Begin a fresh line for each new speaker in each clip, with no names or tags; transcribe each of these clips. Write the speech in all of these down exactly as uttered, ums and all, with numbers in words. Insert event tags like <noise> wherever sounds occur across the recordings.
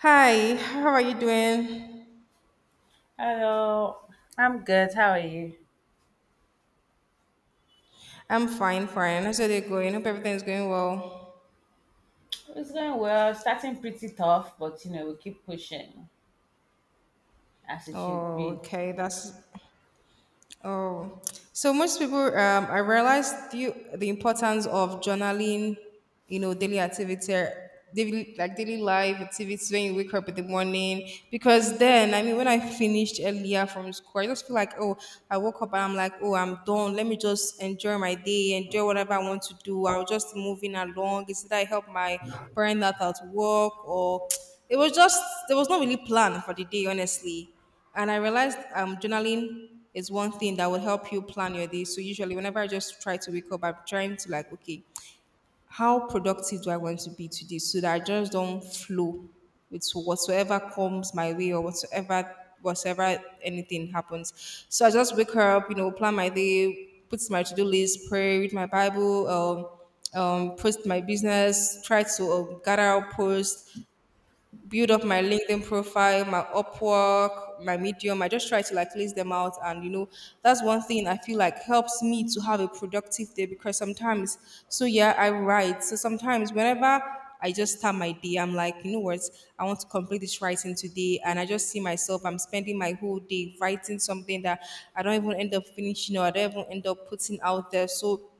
Hi, how are you doing?
Hello, I'm good. How are you?
I'm fine, fine. How's your day going? Hope everything's going well.
It's going well. Starting pretty tough, but you know, we keep pushing as it should
Oh,
be.
okay. That's Oh, so most people, um, I realized the, the importance of journaling, you know, daily activity, daily, like daily life activities when you wake up in the morning. Because then, I mean, when I finished earlier from school, I just feel like, oh, I woke up and I'm like, oh, I'm done. Let me just enjoy my day, enjoy whatever I want to do. i was just moving along. Instead, I help my parent out at work, or <tsk> it was just, there was no really plan for the day, honestly. And I realized um, journaling is one thing that would help you plan your day. So usually, whenever I just try to wake up, I'm trying to like, okay, how productive do I want to be today, so that I just don't flow with whatsoever comes my way or whatsoever whatsoever anything happens. So I just wake her up, you know, plan my day, put my to do list, pray, read my Bible, um, um, post my business, try to um, gather up posts, build up my LinkedIn profile, my Upwork, my Medium. I just try to like list them out, and you know, that's one thing I feel like helps me to have a productive day because sometimes, so yeah, I write. So sometimes, whenever I just start my day, I'm like, you know what, I want to complete this writing today, and I just see myself, I'm spending my whole day writing something that I don't even end up finishing or I don't even end up putting out there. So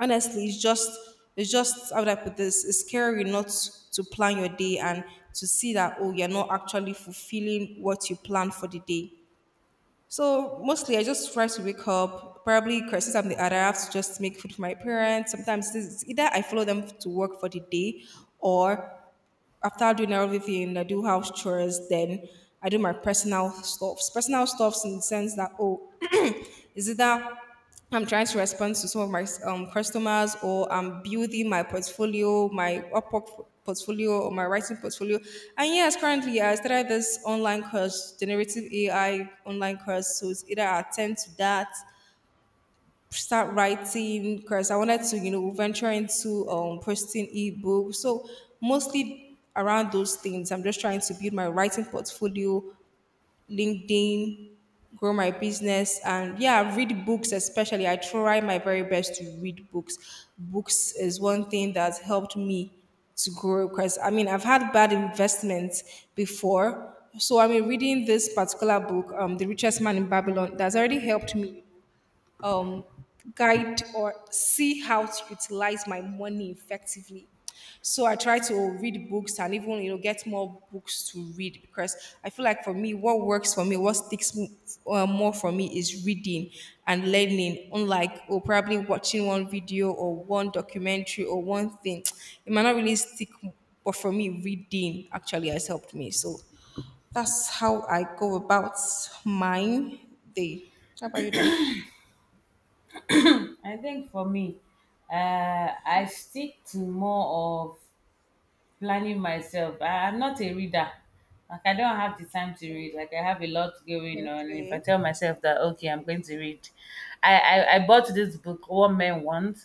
honestly, it's just it's just how would i put this, it's scary not to plan your day and to see that, oh, you're not actually fulfilling what you planned for the day. So mostly, i just try to wake up. Probably crisis, i'm the other. I have to just make food for my parents sometimes. This is either i follow them to work for the day, or after doing everything i do house chores, then i do my personal stuffs personal stuffs in the sense that, oh, is it that I'm trying to respond to some of my um, customers, or I'm building my portfolio, my Upwork portfolio or my writing portfolio? And yes, currently I started this online course, generative A I online course. So it's either I attend to that, start writing, because I wanted to, you know, venture into um, posting ebooks. So mostly around those things. I'm just trying to build my writing portfolio, LinkedIn, grow my business, and yeah, read books. Especially, I try my very best to read books. Books is one thing that's helped me to grow because I mean I've had bad investments before. So I mean reading this particular book, um, The Richest Man in Babylon, that's already helped me um, guide or see how to utilize my money effectively. So I try to read books and even you know get more books to read because I feel like for me what works for me what sticks m- uh, more for me is reading and learning, unlike or probably watching one video or one documentary or one thing. <tsk> It might not really stick, but for me reading actually has helped me. So that's how I go about mine day. How about you though?
I think for me, uh, I stick to more of planning myself. I, I'm not a reader. Like I don't have the time to read. Like I have a lot going on. And if I
Okay.
tell myself that okay, I'm going to read, I I, I bought this book, What Men Want,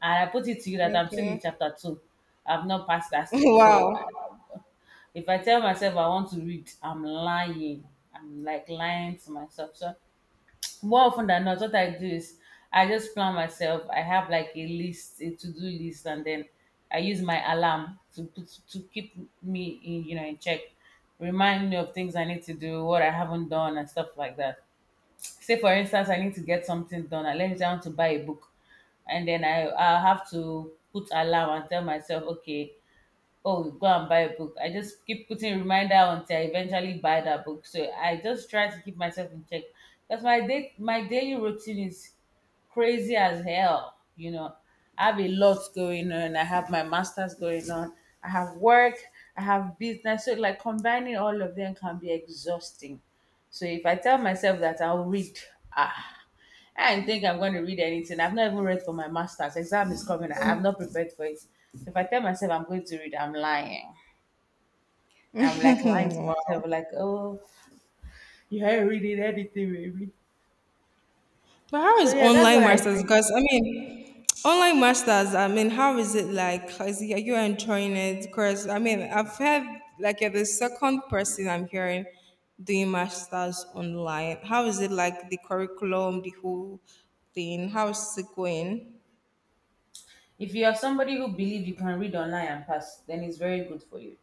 and I put it to you that I'm still in
Okay. <laughs>
chapter two. I've not passed that stage. So I-
Wow.
if I tell myself I want to read, I'm lying. I'm like lying to myself. So more often than not, what I do is I just plan myself. I have like a list, a to do list, and then I use my alarm to put to keep me in, you know, in check, remind me of things I need to do, what I haven't done, and stuff like that. Say, for instance, I need to get something done. I let me down to buy a book, and then I I have to put alarm and tell myself, okay, oh go and buy a book. I just keep putting reminder until I eventually buy that book. So I just try to keep myself in check because my day my daily routine is crazy as hell, you know. I have a lot going on. I have my masters going on, I have work, I have business. So like combining all of them can be exhausting. So if I tell myself that I'll read, ah I don't think I'm going to read anything. I've not even read for my master's. Exam is coming. I have not prepared for it. So if I tell myself I'm going to read, I'm lying. I'm like lying to myself, like, oh, you haven't reading anything, baby.
But how
So
is
yeah, that's
online
what I
masters?
think.
Because I mean, <tsk> online masters. I mean, how is it like? How Is it, are you enjoying it? Because I mean, I've heard like you're the second person I'm hearing doing masters online. How is it like the curriculum, the whole thing? How is it going?
If you are somebody who believe you can read online and pass, then it's very good for you.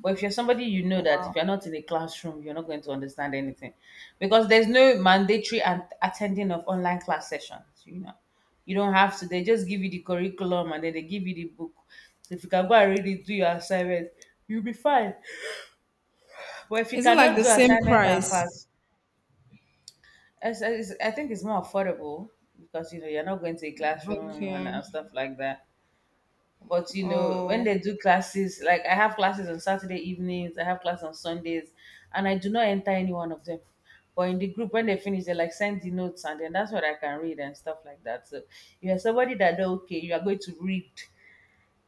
But if you're somebody you know that
Wow.
if you're not in a classroom, you're not going to understand anything, because there's no mandatory and attending of online class sessions. You know, you don't have to. They just give you the curriculum and then they give you the book. So if you can go and read it, do your assignment, you'll be fine. But if you
Is it like
cannot
the
do
same
assignment and
price?
pass, it's, it's, I think it's more affordable because you know you're not going to a classroom and,
Okay.
and stuff like that. But you know, when
Oh,
they do classes, like I have classes on Saturday evenings, I have class on Sundays, and I do not enter any one of them. But in the group, when they finish, they like send the notes, and then that's what I can read and stuff like that. So if you're somebody that know, okay, you are going to read,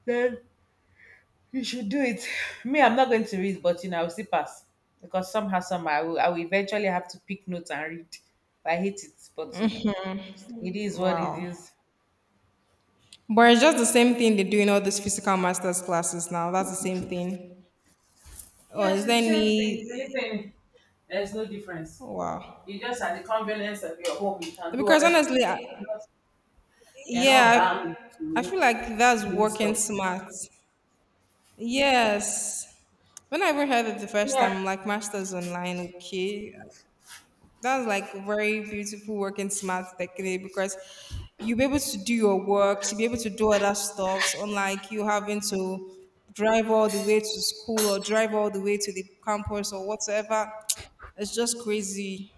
then you should do it. <sighs> Me, I'm not going to read, but you know, I will still pass because somehow, somehow, I will, I will eventually have to pick notes and read. I hate it, but you know, it is what it
wow.
is.
But it's just the same thing they do in all these physical masters classes now. That's the same thing. Or
Yeah,
is there
she's the same thing.
any?
The there's no difference.
Wow.
You just at the convenience of your home, you can do
Because
other
honestly,
things.
I,
And you're not, you're not
yeah,
bound
I
to
feel like that's
do
working
stuff.
smart. Yes. When I ever heard it the first
Yeah,
time, like masters online, okay, that's like very beautiful work and smart technique because you'll be able to do your work, you'll be able to do other stuff, unlike you having to drive all the way to school or drive all the way to the campus or whatever. It's just crazy.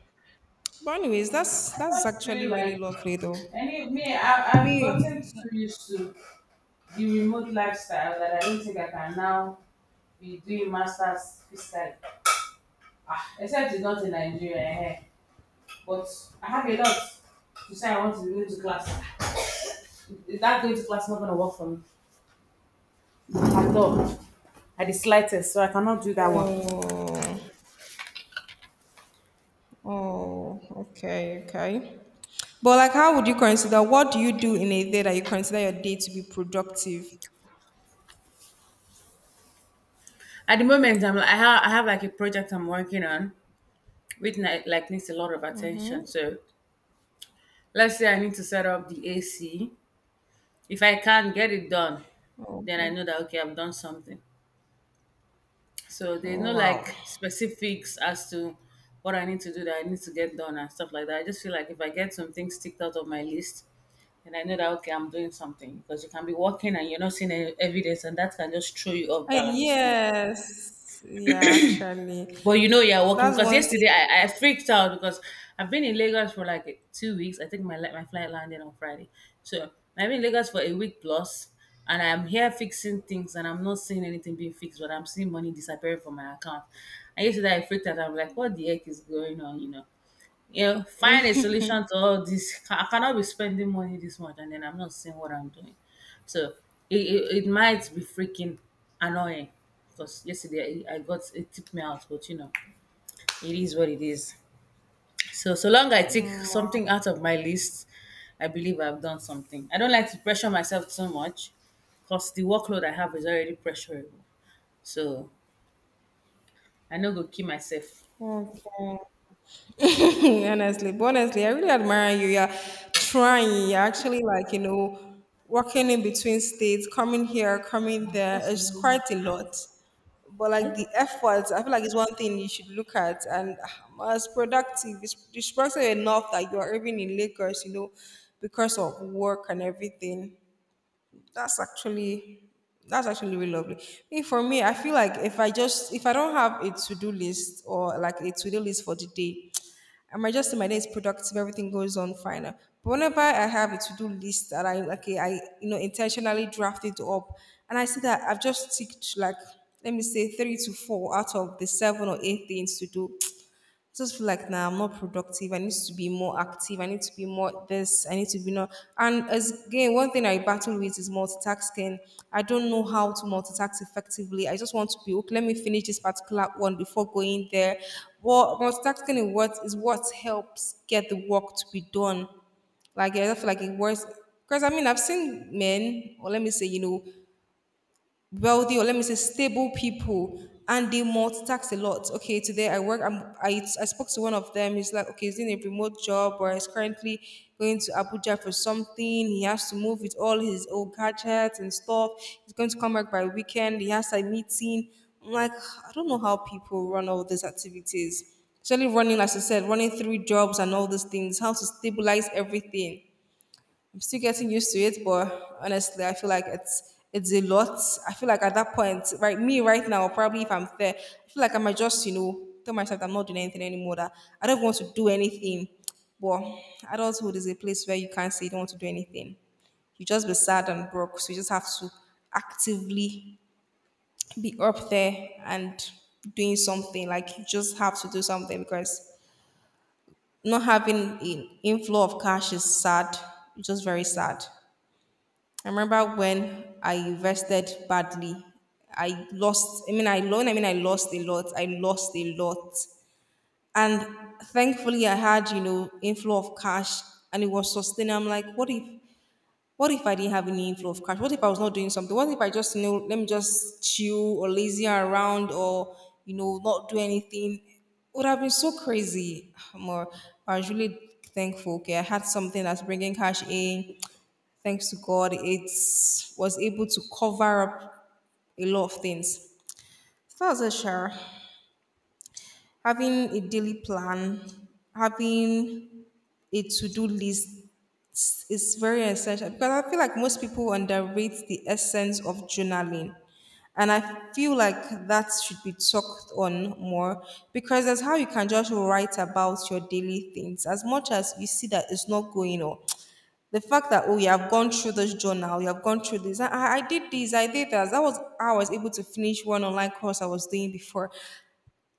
But anyways, that's
I
that's
just feel
actually really
like
lovely though.
any me, I, I've gotten
Me
so used to the remote lifestyle that I don't think I can now be doing masters physically. Ah, except it's not in Nigeria, eh? But I have a lot to say I want to go to class. Is that going to class not going to work for me? At all, at the slightest. So I cannot do that one.
oh oh, okay, okay. But like how would you consider what do you do in a day that you consider your day to be productive?
At the moment, I'm like, I have, I have like a project I'm working on, which ni- like needs a lot of attention. So let's say I need to set up the A C. If I can not get it done,
Oh,
then I
okay.
know that okay, I've done something. So there's
Oh,
no
wow.
like specifics as to what I need to do that I need to get done and stuff like that. I just feel like if I get some things ticked out of my list, and I know that okay, I'm doing something, because you can be working and you're not seeing any evidence, and that can just throw you off
Uh,
balance. You know?
Yes, yeah, actually,
But you know you're working
that's
because
one thing.
yesterday I, I freaked out because I've been in Lagos for like two weeks. I think my li- my flight landed on Friday, so I've been in Lagos for a week plus, and I'm here fixing things, and I'm not seeing anything being fixed, but I'm seeing money disappearing from my account. And yesterday I freaked out. I'm like, what the heck is going on? You know. Yeah, find a solution to all this. I cannot be spending money this much and then I'm not seeing what I'm doing. So it, it, it might be freaking annoying because yesterday I, I got it tipped me out, but you know, it is what it is. So so long I take something out of my list, I believe I've done something. I don't like to pressure myself too much because the workload I have is already pressurable. So I know go kill myself.
Okay. <laughs> honestly, but honestly, I really admire you. You're trying. You're actually like you know, working in between states, coming here, coming there.
Because you
It's quite
know,
a lot. But
are you
like the
talking?
efforts, I feel like it's one thing you should look at and ah, as productive. It's, it's productive enough that you are even in Lagos, you know, because of work and everything. that's actually that's actually really lovely. Me for me, I feel like if I just if I don't have a to do list or like a to do list for the day, I might just say my day is productive, everything goes on fine. But whenever I have a to do list that I like, I you know intentionally draft it up, and I see that I've just ticked like let me say three to four out of the seven or eight things to do just feel like nah, I'm not productive. I need to be more active. I need to be more this. I need to be not. And as again, one thing I battle with is multitasking. I don't know how to multitask effectively. I just want to be okay. Let me finish this particular one before going there. Well, multitasking is what is what helps get the work to be done. Like I don't feel like it works because I mean I've seen men, or let me say, you know, wealthy or let me say stable people and they multitask a lot. Okay, today I work I'm, I, I spoke to one of them. He's like okay, he's in a remote job or he's currently going to abuja for something. He has to move with all his old gadgets and stuff. He's going to come back by weekend. He has a meeting. I'm like, i don't know how people run all these activities, especially running, as i said, running three jobs and all these things. How to stabilize everything, I'm still getting used to it, but honestly, I feel like it's it's a lot. I feel like at that point, right, me right now, probably if I'm there, I feel like I might just, you know, tell myself that I'm not doing anything anymore, that I don't want to do anything. But adulthood is a place where you can't say you don't want to do anything. You just be sad and broke. So you just have to actively be up there and doing something. Like you just have to do something because not having an inflow of cash is sad. It's just very sad. I remember when I invested badly. I lost, I mean, I loan, I mean, I lost a lot. I lost a lot. And thankfully, I had, you know, inflow of cash and it was sustained. I'm like, what if what if I didn't have any inflow of cash? What if I was not doing something? What if I just you know let me just chill or lazy around or you know not do anything? It would have been so crazy. <sighs> More, I was really thankful. Okay, I had something that's bringing cash in. Thanks to God, it was able to cover up a lot of things. So that's a share. Having a daily plan, having a to-do list, it's very essential because I feel like most people underrate the essence of journaling. And I feel like that should be talked on more because that's how you can just write about your daily things. As much as you see that it's not going on, the fact that, oh, you have gone through this journal, you have gone through this, I, I I did this, I did that. That was how I was able to finish one online course I was doing before.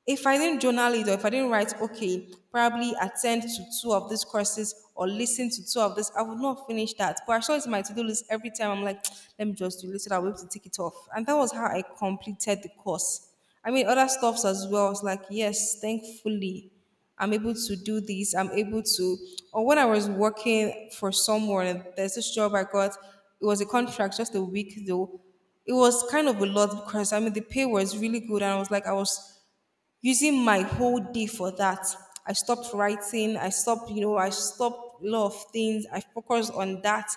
If I didn't journal it or if I didn't write, okay, probably attend to two of these courses or listen to two of this, I would not finish that. But I saw it's my to do list every time. I'm like, <tsk> let me just do this so that I'll be able to take it off. And that was how I completed the course. I mean, other stuffs as well. I was like, yes, thankfully, I'm able to do this. I'm able to. Or when I was working for someone, there's this job I got. It was a contract, just a week though. It was kind of a lot because, I mean, the pay was really good and I was like I was using my whole day for that. I stopped writing. I stopped, you know, I stopped a lot of things. I focused on that.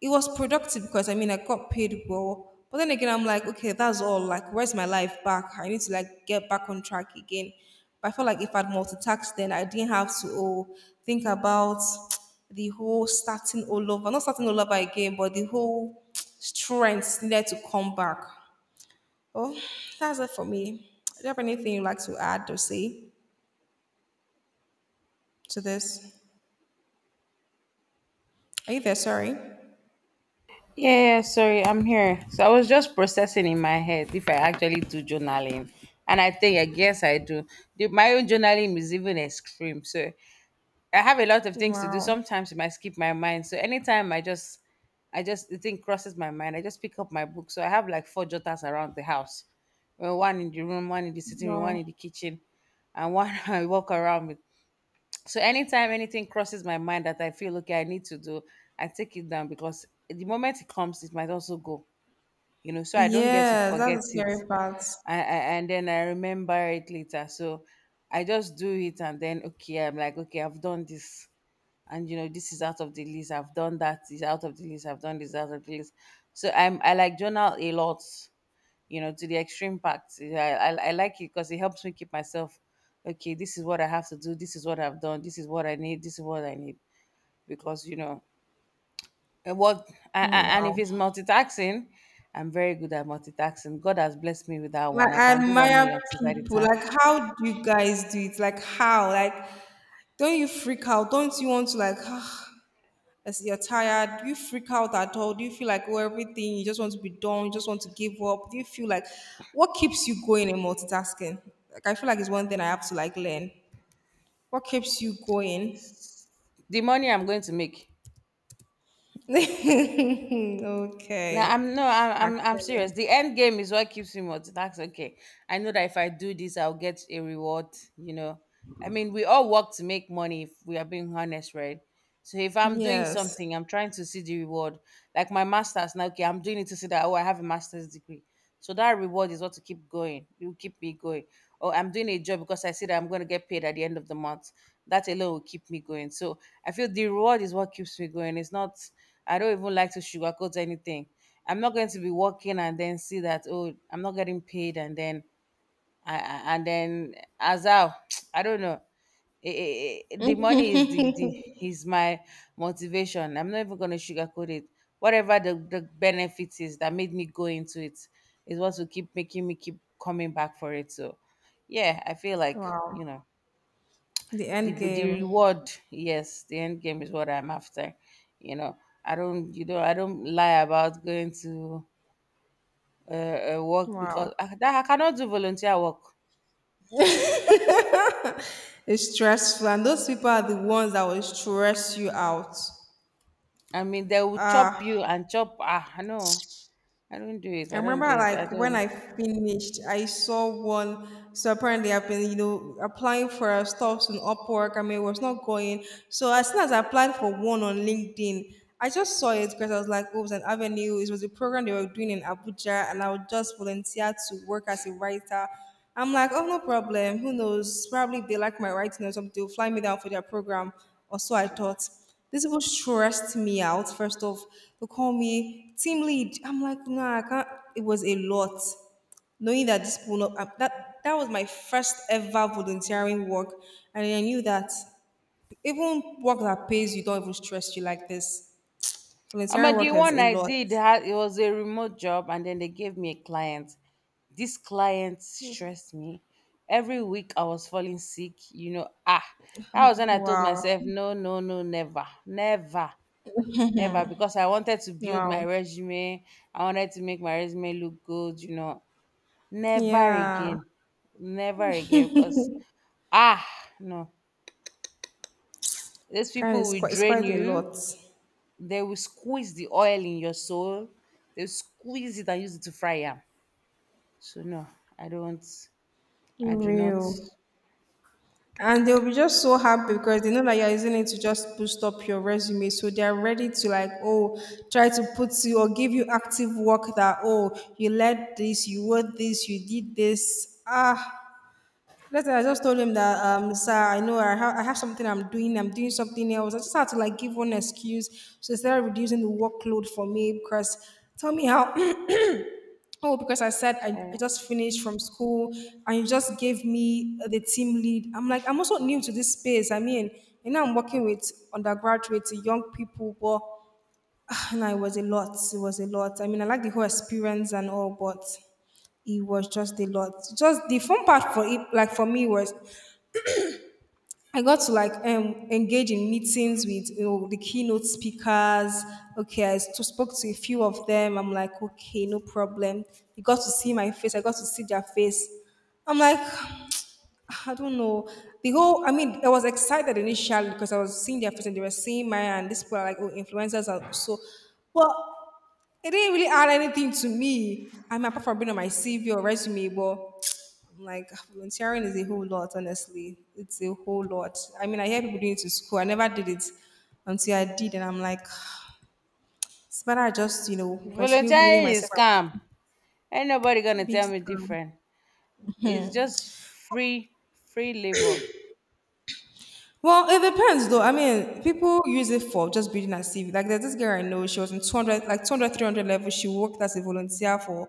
It was productive because, I mean, I got paid well. But then again, I'm like, okay, that's all. Like, where's my life back? I need to, like, get back on track again. But I felt like if I'd multitasked, then I didn't have to oh, think about <tsk> the whole starting all over. Not starting all over again, but the whole <tsk> strength needed to come back. Well, that's it for me. Do you have anything you'd like to add or say to this? Are you there? Sorry.
Yeah, yeah, sorry, I'm here. So I was just processing in my head if I actually do journaling. And I think, I guess I do. The, my own journaling is even extreme. So I have a lot of things to do.
Wow.
Sometimes it might skip my mind. So anytime I just, I just, the thing crosses my mind, I just pick up my book. So I have like four jotters around the house. Well, one in the room, one in the sitting room, one
Wow.
in the kitchen, and one <laughs> I walk around with. So anytime anything crosses my mind that I feel okay, I need to do, I take it down because the moment it comes, it might also go. You know, so I don't get to
Yes, that's the
forget it,
scary part.
I, I, and then I remember it later. So I just do it, and then okay, I'm like, okay, I've done this, and you know, this is out of the list. I've done that. Is out of the list. I've done this out of the list. So I'm I like journal a lot, you know, to the extreme part. I, I, I like it because it helps me keep myself, okay, this is what I have to do. This is what I've done. This is what I need. This is what I need. Because, you know, and what, I, I, and if
Wow.
it's multitasking, I'm very good at multitasking. God has blessed me with that one.
Like,
I
I
can do one
admire
million things at a
people.
time.
Like, how do you guys do it? Like, how? Like, don't you freak out? Don't you want to, like, <sighs> as you're tired? Do you freak out at all? Do you feel like, oh, everything, you just want to be done? You just want to give up? Do you feel like, what keeps you going in multitasking? Like, I feel like it's one thing I have to, like, learn. What keeps you going?
The money I'm going to make.
<laughs> Okay.
No, I'm no, I'm I'm I'm
Actually,
serious. The end game is what keeps me multitasking. Okay, I know that if I do this, I'll get a reward. You know, I mean, we all work to make money. If we are being honest, right? So if I'm doing
yes.
something, I'm trying to see the reward. Like my master's now. Okay, I'm doing it to see that oh, I have a master's degree. So that reward is what to keep going. It will keep me going. Or I'm doing a job because I see that I'm going to get paid at the end of the month. That alone will keep me going. So I feel the reward is what keeps me going. It's not. I don't even like to sugarcoat anything. I'm not going to be working and then see that oh I'm not getting paid and then I, I- and then as I <tsk> I don't know. Eh, eh, eh, the money is the, the is my motivation. I'm not even going to sugarcoat it. Whatever the, the benefit is that made me go into it is what will keep making me keep coming back for it. So yeah, I feel like
Wow.
you know
The
the
end
the
game.
reward. Yes, the end game is what I'm after. You know, I don't you know I don't lie about going to uh, uh, work because
Wow.
I, that, I cannot do volunteer work.
It's stressful. And those people are the ones that will stress you out.
I mean, they will chop
Ah,
you and chop. Ah, no, I don't do it.
I
I don't
remember,
do it. I
like, when
don't.
I finished, I saw one. So apparently I've been, you know, applying for uh, stuffs in Upwork. I mean, it was not going. So as soon as I applied for one on LinkedIn, I just saw it because I was like, oh, it was an avenue. It was a program they were doing in Abuja and I would just volunteer to work as a writer. I'm like, oh, no problem. Who knows? Probably if they like my writing or something, they'll fly me down for their program. Or so I thought. These people stressed me out. First off, they call me team lead. I'm like, nah, I can't. It was a lot. Knowing that this people, not, uh, that that was my first ever volunteering work, and I knew that even work that pays you don't even stress you like this.
I
Volunteering
mean, the
work is
one
a
I
lot.
did, had, it was a remote job, and then they gave me a client. This client stressed me. Every week I was falling sick, you know. Ah, that was when I told
Wow,
myself, no, no, no, never, never, never, because I wanted to build my
wow,
resume. I wanted to make my resume look good, you know. Never
yeah,
again. Never again. Because, ah, no. These
kind of,
people
it's
will
quite, it's
drain
quite a
you.
lot.
They will squeeze the oil in your soul. They'll squeeze it and use it to fry yam. So, no, I don't. I do not.
Real. And they'll be just so happy because they know that you're using it to just boost up your resume, so they're ready to, like, oh, try to put you or give you active work that, oh, you led this, you wrote this, you did this, ah. Later, I just told him that, um, sir, I know I, ha- I have something I'm doing. I'm doing something else. I just had to, like, give one excuse. So instead of reducing the workload for me, because tell me how. Oh, because I said I, I
Sorry.
just finished from school and you just gave me the team lead. I'm like, I'm also new to this space. I mean, you know, I'm working with undergraduates, young people, but <sighs> ah, no, it was a lot. It was a lot. I mean, I like the whole experience and all, but it was just a lot. Just the fun part for it, like for me, was I got to, like, um, engage in meetings with, you know, the keynote speakers. Okay, I s- spoke to a few of them. I'm like, okay, no problem. They got to see my face. I got to see their face. I'm like, <sighs> I don't know. The whole, I mean, I was excited initially because I was seeing their face and they were seeing mine, and these people are, like, oh, influencers are so. But it didn't really add anything to me. I mean, apart from being on my C V or resume. But like, volunteering is a whole lot, honestly. It's a whole lot. I mean, I hear people doing it to school. I never did it until I did, and I'm like, <sighs> it's better I just, you know, continue building
Volunteering
myself
is
up.
scam. Ain't nobody going to
Big
tell me
scale.
different. It's just free, free labor.
Well, it depends though. I mean, people use it for just building a C V. Like, there's this girl I know, she was in two hundred, like two hundred, three hundred level. She worked as a volunteer for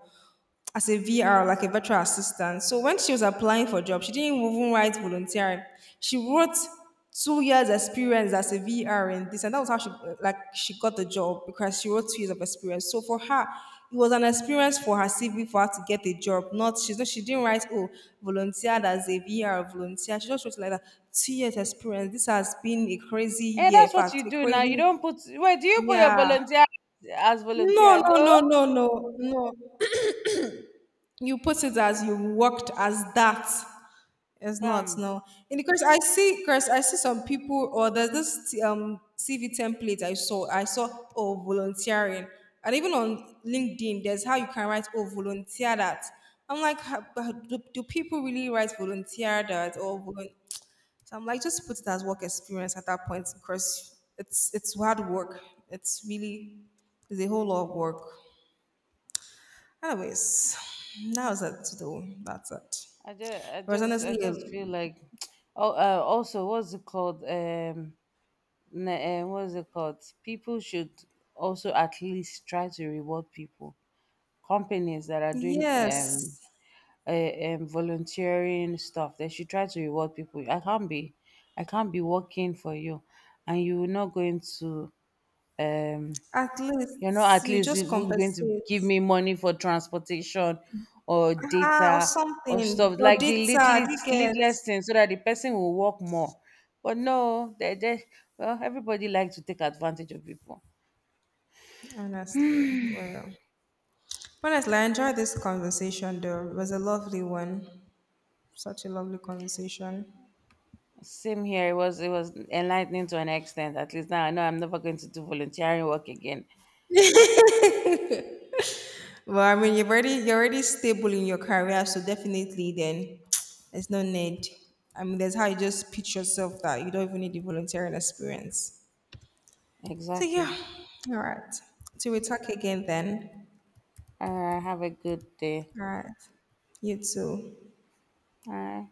as a V R, like a virtual assistant. So when she was applying for job, she didn't even write volunteering. She wrote two years experience as a V R in this, and that was how she, like, she got the job because she wrote two years of experience. So for her, it was an experience for her C V for her to get a job. Not she's not, she didn't write, oh, volunteered as a V R volunteer. She just wrote like that, two years experience. This has been a crazy
Yeah,
year, in
that's what
fact,
you
a
do now. You
crazy
don't put. Wait, do you put your
yeah.
volunteer as
No,
volunteer?
no,
No.
no, no, no, no, you put it as you worked as that. It's not,
Bam.
no. And because i see because I see some people, or there's this um CV template I saw. I saw oh, volunteering. And even on LinkedIn, there's how you can write, oh, volunteer that. I'm like, "Ha- but do, do people really write volunteer that or volun-" So I'm like, just put it as work experience at that point because it's it's hard work. It's really, it's a whole lot of work. Anyways, that was it though. That's it.
I just, I
Whereas
just, I
honestly, uh,
just feel like, <tsk> oh, uh, also, what's it called? Um, n- uh, what's it called? People should also at least try to reward people. Companies that are doing um,
yes,
uh, um volunteering stuff, they should try to reward people. I can't be, I can't be working for you, and you're not going to um
at
you're not
least
at
you
least
just
even going to
compensate,
give me money for transportation or
uh, or
data or
something
stuff
or
like the
data. Do you
littlest,
get?
littlest thing so that the person will work more. But no, they just well, everybody likes to take advantage of people.
Honestly, real. Honestly, I enjoyed this conversation though. It was a lovely one. Such a lovely conversation.
Same here. It was it was enlightening to an extent. At least now I know I'm never going to do volunteering work again.
Well, I mean, you've already you're already stable in your career, so definitely then <tsk> there's no need. I mean, that's how you just pitch yourself that you don't even need the volunteering experience. So yeah,
Exactly.
all right. So we talk again then.
All right. Have a good day.
All right. You too.
Bye.